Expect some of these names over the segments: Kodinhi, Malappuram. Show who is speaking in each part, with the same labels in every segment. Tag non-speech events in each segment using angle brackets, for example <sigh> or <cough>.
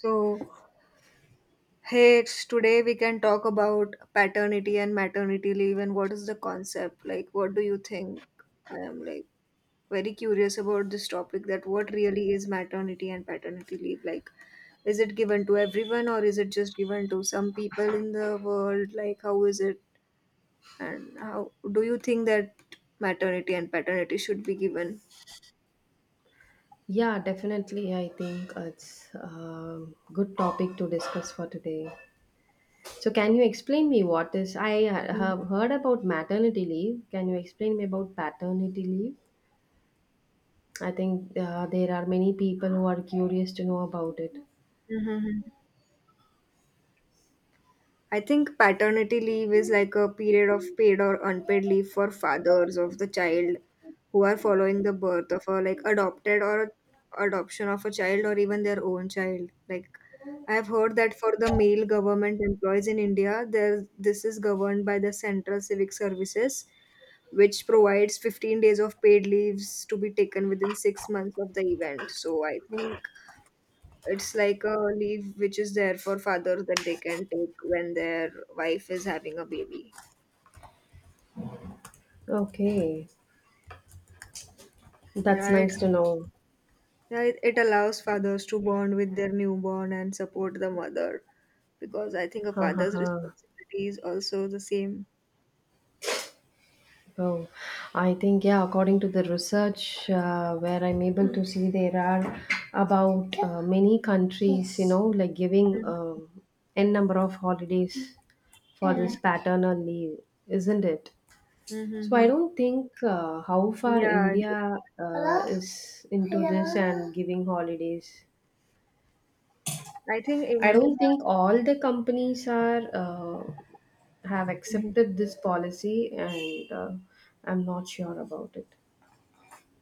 Speaker 1: So, hey, it's today we can talk about paternity and maternity leave and what is the concept? Like, what do you think? I am like very curious about this topic that what really is maternity and paternity leave? Like, is it given to everyone or is it just given to some people in the world? Like, how is it? And how do you think that maternity and paternity should be given?
Speaker 2: Yeah, definitely. I think it's a good topic to discuss for today. So, can you explain me what is? Have heard about maternity leave. Can you explain me about paternity leave? I think there are many people who are curious to know about it.
Speaker 1: Mm-hmm. I think paternity leave is like a period of paid or unpaid leave for fathers of the child who are following the birth of a like adopted or adoption of a child or even their own child. Like I have heard that for the male government employees in India, there this is governed by the Central Civic Services, which provides 15 days of paid leaves to be taken within 6 months of the event. So I think it's like a leave which is there for fathers that they can take when their wife is having a baby.
Speaker 2: Okay, that's
Speaker 1: Right?
Speaker 2: nice to know.
Speaker 1: Yeah, it allows fathers to bond with their newborn and support the mother because I think a
Speaker 2: Ha ha
Speaker 1: father's
Speaker 2: ha.
Speaker 1: responsibility is also the same.
Speaker 2: Oh, I think, yeah, according to the research where I'm able to see, there are about many countries, like giving n number of holidays for this
Speaker 1: Mhm.
Speaker 2: paternal leave, isn't it? So I
Speaker 1: Mhm.
Speaker 2: don't think how far
Speaker 1: Yeah,
Speaker 2: India is into this and giving holidays.
Speaker 1: I think
Speaker 2: I
Speaker 1: India.
Speaker 2: don't think all the companies are have
Speaker 1: Mhm.
Speaker 2: accepted this policy, and I'm not sure about it.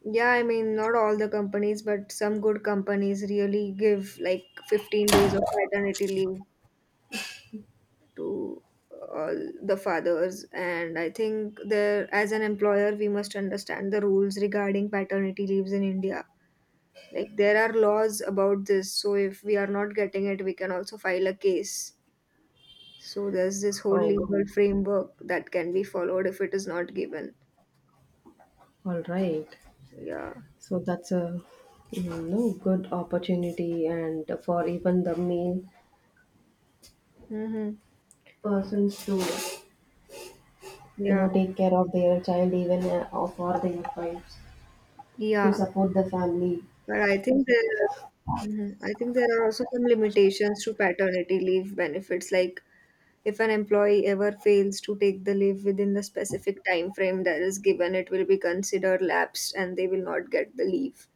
Speaker 1: Yeah, I mean, not all the companies, but some good companies really give like 15 days of paternity leave to all the fathers. And I think there, as an employer, we must understand the rules regarding paternity leaves in India. Like there are laws about this, so if we are not getting it, we can also file a case. So there's this whole
Speaker 2: Oh.
Speaker 1: legal framework that can be followed if it is not given.
Speaker 2: All right.
Speaker 1: Yeah.
Speaker 2: So that's a good opportunity and for even the male
Speaker 1: Mm-hmm.
Speaker 2: persons to
Speaker 1: Yeah,
Speaker 2: take care of their child even or for their wives to
Speaker 1: yeah,
Speaker 2: support the family.
Speaker 1: but I think there. Mhm. I think there are also some limitations to paternity leave benefits. Like if an employee ever fails to take the leave within the specific time frame that is given, it will be considered lapsed and they will not get the leave.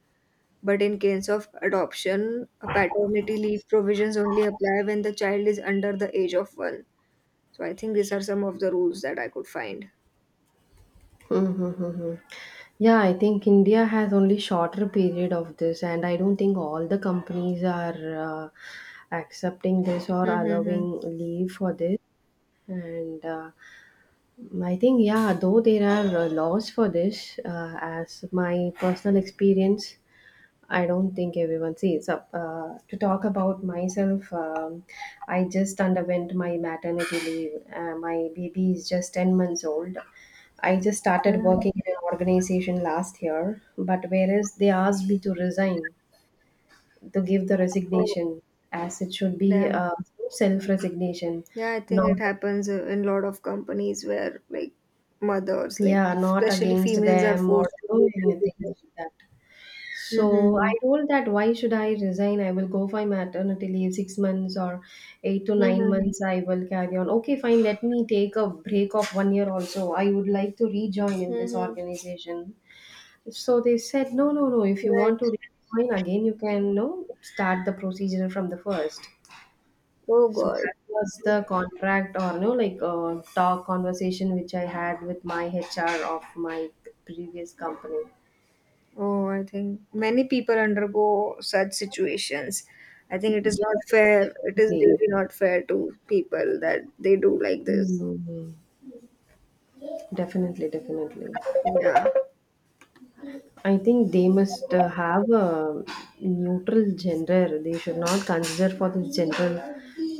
Speaker 1: But in case of adoption, a paternity leave provisions only apply when the child is under the age of one. So I think these are some of the rules that I could find.
Speaker 2: Mm-hmm. Yeah, I think India has only shorter period of this, and I don't think all the companies are accepting this or
Speaker 1: Mm-hmm.
Speaker 2: allowing leave for this. And I think, yeah, though there are laws for this, as my personal experience, I don't think everyone sees up. To talk about myself, I just underwent my maternity leave. My baby is just 10 months old. I just started
Speaker 1: Mm-hmm.
Speaker 2: working in an organization last year, but whereas they asked me to resign, to give the
Speaker 1: Oh,
Speaker 2: resignation, as it should be
Speaker 1: damn.
Speaker 2: self resignation,
Speaker 1: Yeah, I think
Speaker 2: not.
Speaker 1: it happens in lot of companies where like mothers, like
Speaker 2: Yeah, not
Speaker 1: especially
Speaker 2: against
Speaker 1: females, are
Speaker 2: them
Speaker 1: forced
Speaker 2: or
Speaker 1: to
Speaker 2: do
Speaker 1: take leave.
Speaker 2: anything like that. So I
Speaker 1: Mm-hmm.
Speaker 2: told that why should I resign? I will go for maternity leave 6 months or eight to nine
Speaker 1: Mm-hmm.
Speaker 2: months. I will carry on. Okay, fine. Let me take a break of one year also. I would like to rejoin in this
Speaker 1: Mm-hmm.
Speaker 2: organization. So they said, no, no, no. If you want
Speaker 1: Right.
Speaker 2: to rejoin again, you can no start the procedure from the first.
Speaker 1: Oh
Speaker 2: So
Speaker 1: God.
Speaker 2: that was the contract or no like talk conversation which I had with my HR of my previous company.
Speaker 1: Oh, I think many people undergo such situations. I think it is
Speaker 2: Yes,
Speaker 1: not fair. It is
Speaker 2: definitely.
Speaker 1: really not fair to people that they do like this.
Speaker 2: Mm. Definitely, definitely.
Speaker 1: Yeah.
Speaker 2: I think they must have a neutral gender. They should not consider for the gender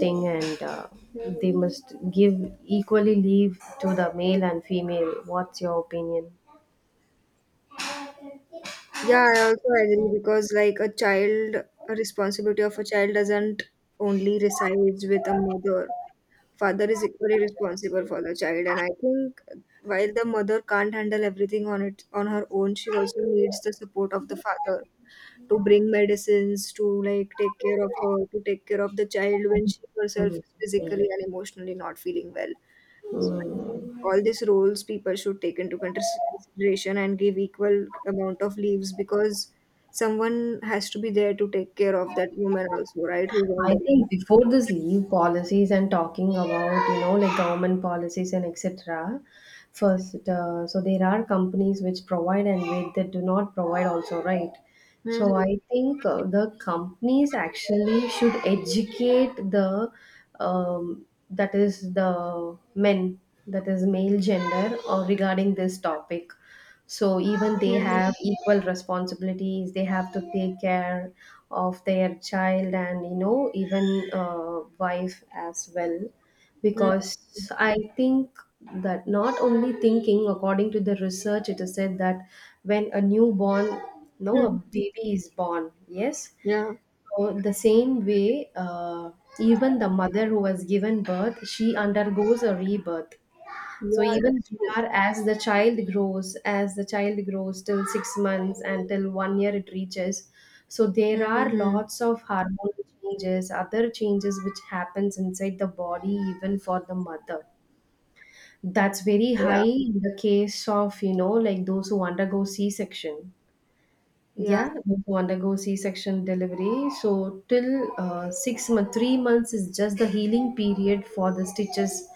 Speaker 2: thing, and
Speaker 1: Mhm.
Speaker 2: they must give equally leave to the male and female. What's your opinion?
Speaker 1: Yeah, I also agree because like a child, a responsibility of a child doesn't only resides with a mother. Father is equally responsible for the child, and I think while the mother can't handle everything on it on her own, she also needs the support of the father to bring medicines to like take care of her, to take care of the child when she herself is
Speaker 2: Mm.
Speaker 1: physically and emotionally not feeling well. So I think all these roles people should take into consideration and give equal amount of leaves, because someone has to be there to take care of that woman also, right, who's on
Speaker 2: I
Speaker 1: the.
Speaker 2: think before this leave policies and talking about, like government policies and etc. First, so there are companies which provide and wait that do not provide also, right? So
Speaker 1: Mhm.
Speaker 2: I think the companies actually should educate the, that is the men, that is male gender, or regarding this topic, so even they
Speaker 1: Mhm.
Speaker 2: have equal responsibilities. They have to take care of their child, and even wife as well,
Speaker 1: Mhm.
Speaker 2: because I think that not only thinking, according to the research, it is said that when a newborn, no, a
Speaker 1: Mhm.
Speaker 2: baby is born. Yes,
Speaker 1: Yeah,
Speaker 2: so the same way even the mother who has given birth, she undergoes a rebirth. So
Speaker 1: yeah,
Speaker 2: even
Speaker 1: that's true.
Speaker 2: there are, as the child grows till 6 months and till one year it reaches. So there are
Speaker 1: Mm-hmm.
Speaker 2: lots of hormonal changes, other changes which happens inside the body even for the mother. That's very high
Speaker 1: Yeah,
Speaker 2: in the case of, like those who undergo C-section.
Speaker 1: yeah.
Speaker 2: Yeah, to undergo C-section delivery. So till 6 months, 3 months is just the healing period for the stitches.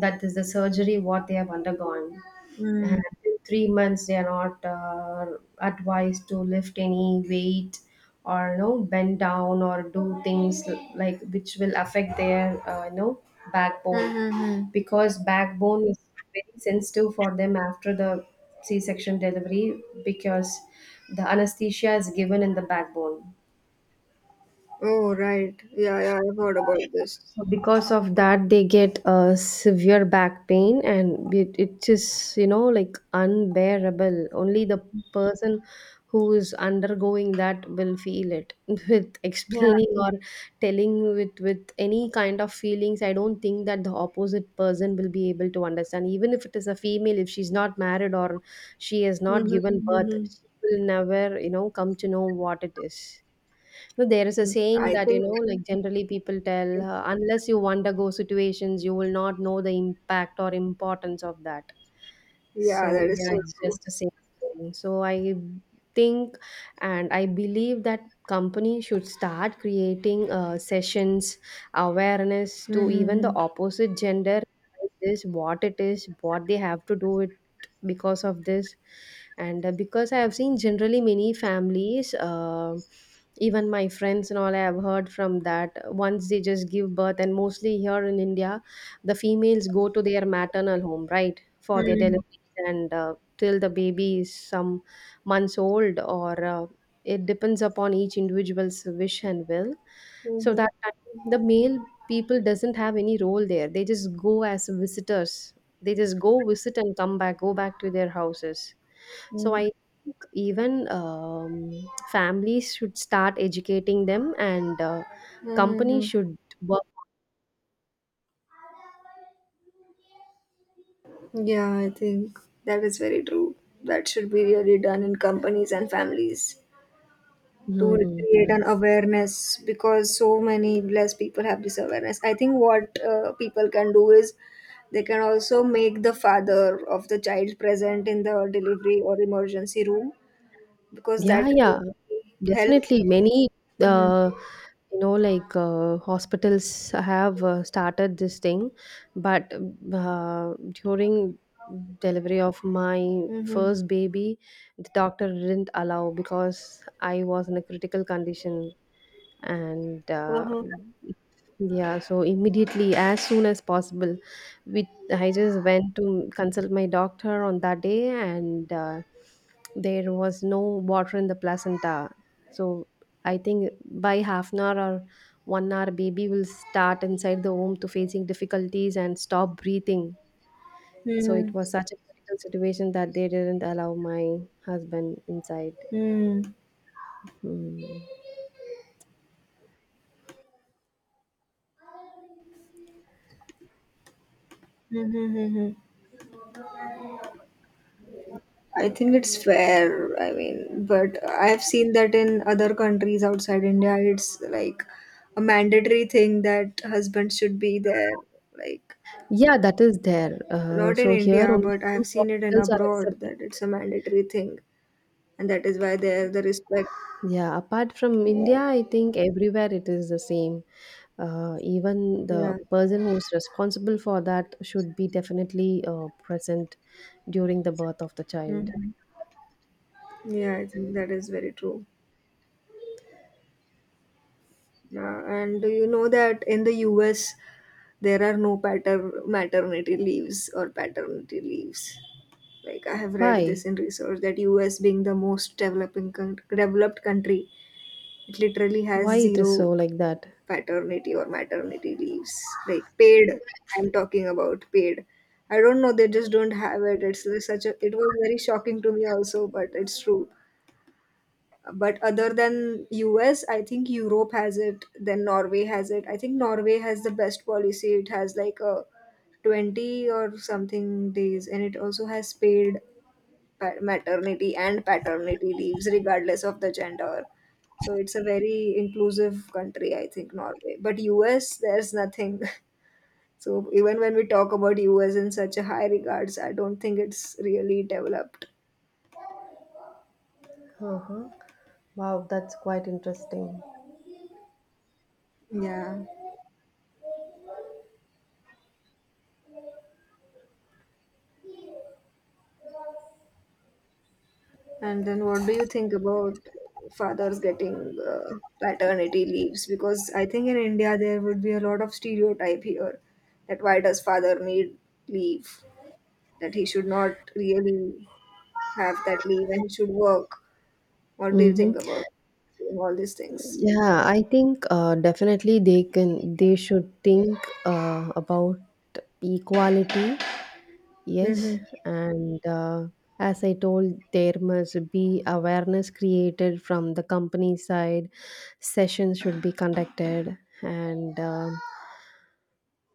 Speaker 2: That is the surgery what they have undergone.
Speaker 1: Mm-hmm.
Speaker 2: And in 3 months they are not advised to lift any weight or bend down or do things like which will affect their backbone, because backbone is very sensitive for them after the C section delivery, because the anesthesia is given in the backbone.
Speaker 1: Oh, right. Yeah, yeah, I've heard about this.
Speaker 2: So because of that, they get severe back pain, and it is like unbearable. Only the person who is undergoing that will feel it. <laughs> With
Speaker 1: Yeah.
Speaker 2: explaining or telling with any kind of feelings, I don't think that the opposite person will be able to understand. Even if it is a female, if she's not married or she has not
Speaker 1: Mhm,
Speaker 2: given birth,
Speaker 1: mhm.
Speaker 2: she will never come to know what it is. No, there is a
Speaker 1: Mm,
Speaker 2: saying
Speaker 1: I
Speaker 2: that,
Speaker 1: think
Speaker 2: like generally people tell, unless you undergo situations, you will not know the impact or importance of that.
Speaker 1: yeah, that
Speaker 2: So
Speaker 1: is
Speaker 2: yeah,
Speaker 1: so
Speaker 2: it's
Speaker 1: true.
Speaker 2: just the same thing. So I think and I believe that company should start creating sessions, awareness to
Speaker 1: Mhm,
Speaker 2: even the
Speaker 1: mhm.
Speaker 2: opposite gender like this, what it is, what they have to do it because of this. And because I have seen generally many families, even my friends and all, I have heard from that once they just give birth, and mostly here in India, the females go to their maternal home, right? For their
Speaker 1: Mhm,
Speaker 2: delivery, and till the baby is some months old, or it depends upon each individual's wish and will. So that time the male people doesn't have any role there. They just go as visitors. They just go visit and come back, go back to their houses. So
Speaker 1: mhm,
Speaker 2: I think even families should start educating them, and
Speaker 1: mhm,
Speaker 2: companies
Speaker 1: mhm.
Speaker 2: should work.
Speaker 1: Yeah, I think that is very true. That should be really done in companies and families to
Speaker 2: Hmm.
Speaker 1: create an awareness because so many less people have this awareness. I think what people can do is they can also make the father of the child present in the delivery or emergency room because that
Speaker 2: Yeah, yeah,
Speaker 1: helps.
Speaker 2: definitely many
Speaker 1: Mhm.
Speaker 2: uh, hospitals have started this thing, but uh, during delivery of my
Speaker 1: Mhm.
Speaker 2: first baby, the doctor didn't allow because I was in a critical condition. And
Speaker 1: Mhm.
Speaker 2: yeah, so immediately as soon as possible we I just went to consult my doctor on that day, and there was no water in the placenta. So I think by half an hour or one hour baby will start inside the womb to facing difficulties and stop breathing. So
Speaker 1: Mhm.
Speaker 2: it was such a critical situation that they didn't allow my husband inside.
Speaker 1: Mhm.
Speaker 2: Hmm.
Speaker 1: Mhm. Mhm. I think it's fair. I mean, but I've seen that in other countries outside India, it's like a mandatory thing that husbands should be there. Like,
Speaker 2: Yeah, that is there. Uh,
Speaker 1: not in
Speaker 2: so here
Speaker 1: India,
Speaker 2: only
Speaker 1: but I've
Speaker 2: few
Speaker 1: seen it in
Speaker 2: hospitals are
Speaker 1: abroad
Speaker 2: accepting.
Speaker 1: that it's a mandatory thing, and that is why there the respect.
Speaker 2: Yeah, apart from
Speaker 1: Yeah,
Speaker 2: India, I think everywhere it is the same. Even the
Speaker 1: yeah,
Speaker 2: person who is responsible for that should be definitely present during the birth of the child.
Speaker 1: hmm yeah. I think that is very true. Yeah, and do you know that in the US there are no maternity leaves or paternity leaves? Like I have read this
Speaker 2: Why?
Speaker 1: in research that US being the most developed country, it literally has
Speaker 2: Why it is so
Speaker 1: zero
Speaker 2: like that?
Speaker 1: paternity or maternity leaves. Like paid, I'm talking about paid. I don't know, they just don't have it. It's such a. It was very shocking to me also, but it's true. But other than US, I think Europe has it. Then Norway has it. I think Norway has the best policy. It has like a 20 or something days and it also has paid maternity and paternity leaves regardless of the gender. So it's a very inclusive country, I think, Norway. But US, there's nothing. <laughs> So even when we talk about US in such a high regards, I don't think it's really developed.
Speaker 2: Uh-huh. Wow, that's quite interesting.
Speaker 1: Yeah. And then what do you think about fathers getting paternity leaves? Because I think in India there would be a lot of stereotype here that why does father need leave? That he should not really have that leave and he should work. What do you
Speaker 2: Mm-hmm.
Speaker 1: think about doing all these things?
Speaker 2: Yeah, I think definitely they should think about equality. Yes,
Speaker 1: Mm-hmm.
Speaker 2: and as I told, there must be awareness created from the company side. Sessions should be conducted, and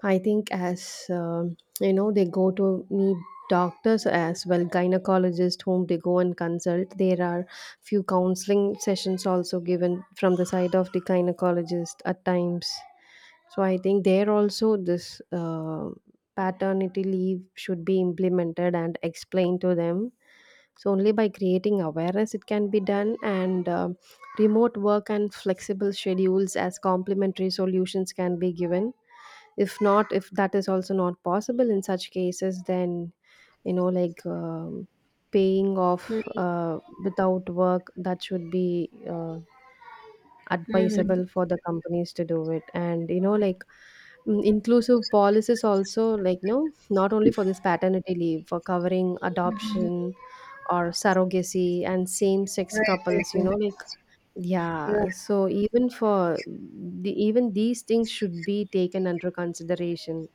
Speaker 2: I think as they go to meet doctors as well, gynecologists whom they go and consult. There are few counseling sessions also given from the side of the gynecologist at times. So I think there also this paternity leave should be implemented and explained to them. So only by creating awareness it can be done, and remote work and flexible schedules as complementary solutions can be given. If not, if that is also not possible in such cases, then you know like um, paying off without work, that should be
Speaker 1: Mm-hmm.
Speaker 2: advisable for the companies to do it, and inclusive policies also like not only for this paternity leave, for covering adoption or surrogacy and same sex
Speaker 1: Right, right,
Speaker 2: couples.
Speaker 1: right. Yeah,
Speaker 2: Yeah, so even for the even these things should be taken under consideration.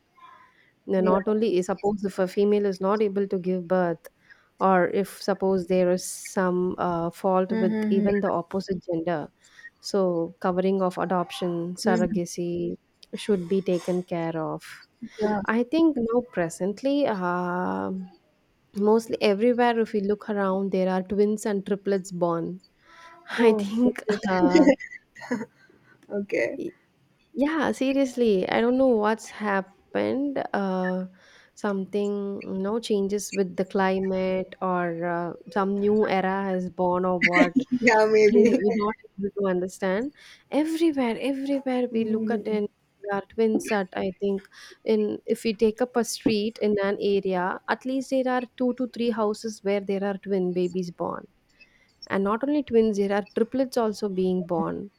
Speaker 2: Now,
Speaker 1: yeah.
Speaker 2: not only is, suppose if a female is not able to give birth, or if suppose there is some fault with
Speaker 1: Mm-hmm.
Speaker 2: even the opposite gender, so covering of adoption,
Speaker 1: Mm-hmm.
Speaker 2: surrogacy should be taken care of.
Speaker 1: Yeah.
Speaker 2: I think now, presently, mostly everywhere, if we look around, there are twins and triplets born. <laughs> I
Speaker 1: Oh,
Speaker 2: think,
Speaker 1: okay. <laughs> Okay.
Speaker 2: y- yeah, seriously, I don't know what's happened. Something, changes with the climate or some new era has born or what,
Speaker 1: Yeah,
Speaker 2: and
Speaker 1: maybe.
Speaker 2: we're
Speaker 1: <laughs>
Speaker 2: not able to understand. Everywhere, everywhere we look at,
Speaker 1: Mhm.
Speaker 2: and there are twins that I think in if we take up a street in an area, at least there are two to three houses where there are twin babies born. And not only twins, there are triplets also being born.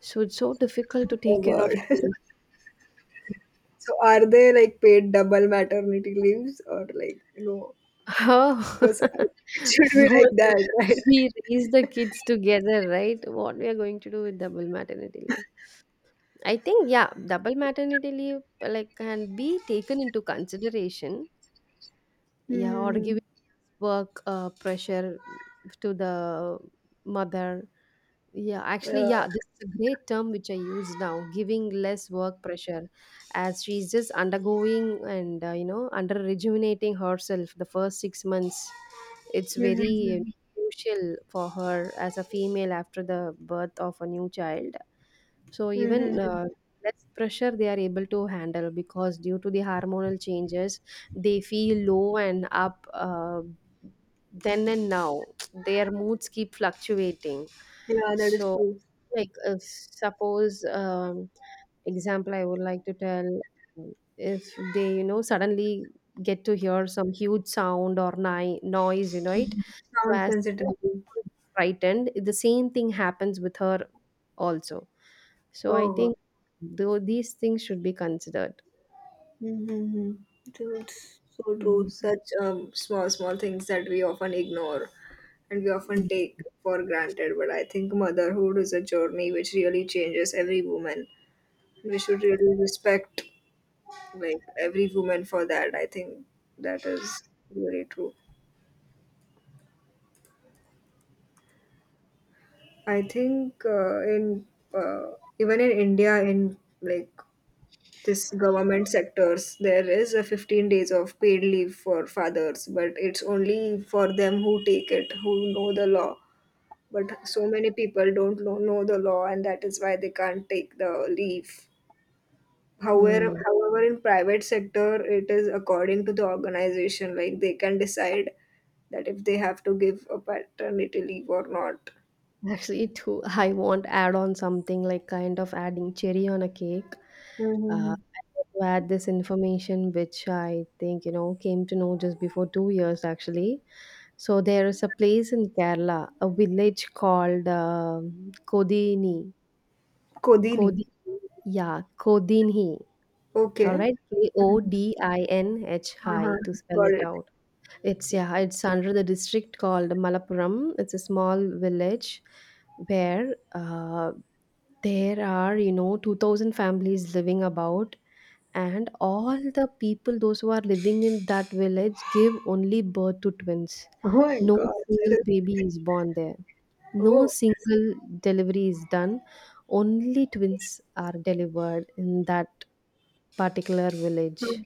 Speaker 2: So it's so difficult to
Speaker 1: Oh,
Speaker 2: take care
Speaker 1: God.
Speaker 2: of twins.
Speaker 1: So are they like paid double maternity leaves or like no?
Speaker 2: Oh,
Speaker 1: Because I-
Speaker 2: <laughs>
Speaker 1: <laughs> it should be
Speaker 2: no,
Speaker 1: like
Speaker 2: no,
Speaker 1: that, <laughs> right?
Speaker 2: we raise the kids together, right? What we are going to do with double maternity? I think, yeah, double maternity leave, like, can be taken into consideration. Yeah, or
Speaker 1: Mm-hmm.
Speaker 2: given work pressure to the mother. Yeah, actually,
Speaker 1: Yeah.
Speaker 2: yeah, this is a great term which I use now: giving less work pressure as she's just undergoing, and under rejuvenating herself the first 6 months. It's very
Speaker 1: Mm-hmm.
Speaker 2: crucial for her as a female after the birth of a new child. So
Speaker 1: Mm-hmm.
Speaker 2: even less pressure they are able to handle, because due to the hormonal changes they feel low and up then and now, their moods keep fluctuating.
Speaker 1: Yeah, that is
Speaker 2: So
Speaker 1: true.
Speaker 2: like suppose example I would like to tell, um, if they suddenly get to hear some huge sound or noise, it. So
Speaker 1: Sound
Speaker 2: as
Speaker 1: sensitivity.
Speaker 2: frightened, the same thing happens with her also. So I
Speaker 1: Oh wow.
Speaker 2: think though these things should be considered.
Speaker 1: Mm-hmm. Dude, so true.
Speaker 2: Mm.
Speaker 1: Such small small things that we often ignore and we often take for granted. But I think motherhood is a journey which really changes every woman. We should really respect like every woman for that. I think that is really true. I think in uh, even in India, in like this government sectors, there is a 15 days of paid leave for fathers, but it's only for them who take it, who know the law. But so many people don't know the law, and that is why they can't take the leave. However,
Speaker 2: Hmm.
Speaker 1: however, in private sector, it is according to the organization. Like they can decide that if they have to give a paternity leave or not.
Speaker 2: Actually, too, I want add on something like kind of adding cherry on a cake.
Speaker 1: Mm-hmm.
Speaker 2: I want to add this information, which I think came to know just before 2 years actually. So there is a place in Kerala, a village called Kodini.
Speaker 1: Kodini.
Speaker 2: Kodini, yeah, Kodinhi. All
Speaker 1: Okay.
Speaker 2: right, K O
Speaker 1: Mhm.
Speaker 2: D I N H
Speaker 1: Uh-huh.
Speaker 2: I to spell
Speaker 1: Got
Speaker 2: it
Speaker 1: it.
Speaker 2: out. It's, yeah, it's under the district called Malappuram. It's a small village where there are, 2000 families living about, and all the people, those who are living in that village, give only birth to twins.
Speaker 1: Oh my
Speaker 2: No
Speaker 1: God. That
Speaker 2: single
Speaker 1: is.
Speaker 2: baby is born there. No
Speaker 1: Oh.
Speaker 2: single delivery is done. Only twins are delivered in that particular village.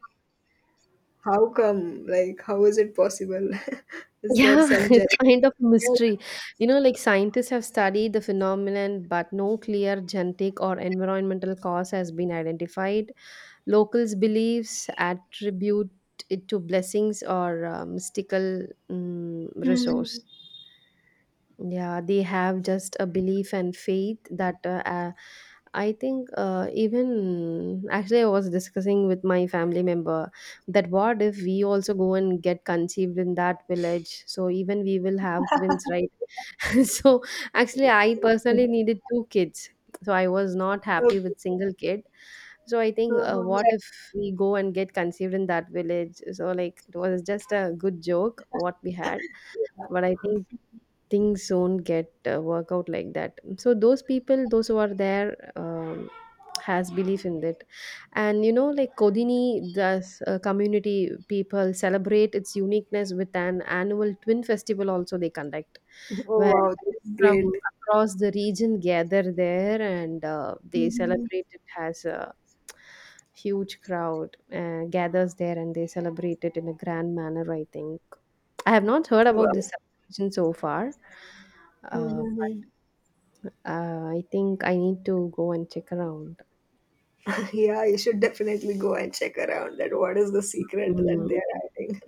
Speaker 1: How come? Like, how is it possible? <laughs> Is there
Speaker 2: Yeah, <laughs>
Speaker 1: some
Speaker 2: it's
Speaker 1: genetic?
Speaker 2: kind of a mystery. You know, like scientists have studied the phenomenon, but no clear genetic or environmental cause has been identified. Locals' beliefs attribute it to blessings or mystical
Speaker 1: Hmm.
Speaker 2: resource. Yeah, they have just a belief and faith that I think even actually I was discussing with my family member that what if we also go and get conceived in that village? So even we will have twins, right? <laughs> So actually I personally needed two kids, so I was not happy
Speaker 1: Okay.
Speaker 2: with single kid. So I think
Speaker 1: Mm-hmm.
Speaker 2: what if we go and get conceived in that village, so like it was just a good joke what we had, but I think things don't get work out like that. So those people, those who are there, um, has belief in it, and Kodini does community people celebrate its uniqueness with an annual twin festival also they conduct,
Speaker 1: Oh
Speaker 2: where
Speaker 1: wow, that's
Speaker 2: from
Speaker 1: great.
Speaker 2: across the region gather there, and they
Speaker 1: Hmm.
Speaker 2: celebrate it as a huge crowd gathers there, and they celebrate it in a grand manner. I think I have not heard about
Speaker 1: Wow.
Speaker 2: this celebration so far, but
Speaker 1: Mhm.
Speaker 2: I think I need to go and check around.
Speaker 1: Yeah, you should definitely go and check around that what is the secret that
Speaker 2: Mm.
Speaker 1: they are hiding.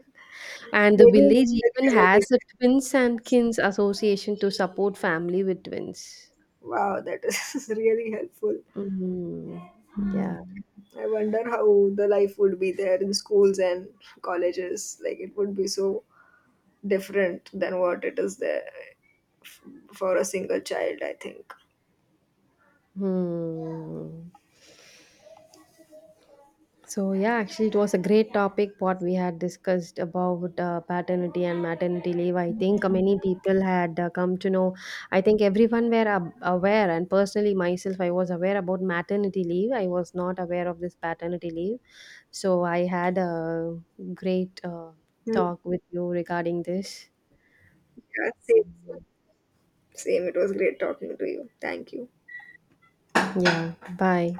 Speaker 2: And the
Speaker 1: Maybe it's
Speaker 2: village
Speaker 1: the <laughs>
Speaker 2: even
Speaker 1: genetic.
Speaker 2: has a twins and kins association to support family with twins.
Speaker 1: Wow, that is <laughs> really helpful.
Speaker 2: Mm. Yeah.
Speaker 1: I wonder how the life would be there in schools and colleges. Like it would be so different than what it is there for a single child, I think.
Speaker 2: Hmm. So yeah, actually, it was a great topic what we had discussed about paternity and maternity leave. I think many people had come to know. I think everyone were aware, and personally myself, I was aware about maternity leave. I was not aware of this paternity leave. So I had a great
Speaker 1: Hmm.
Speaker 2: talk with you regarding this.
Speaker 1: Yeah, same, same. Same. It was great talking to you. Thank you.
Speaker 2: Yeah. Bye.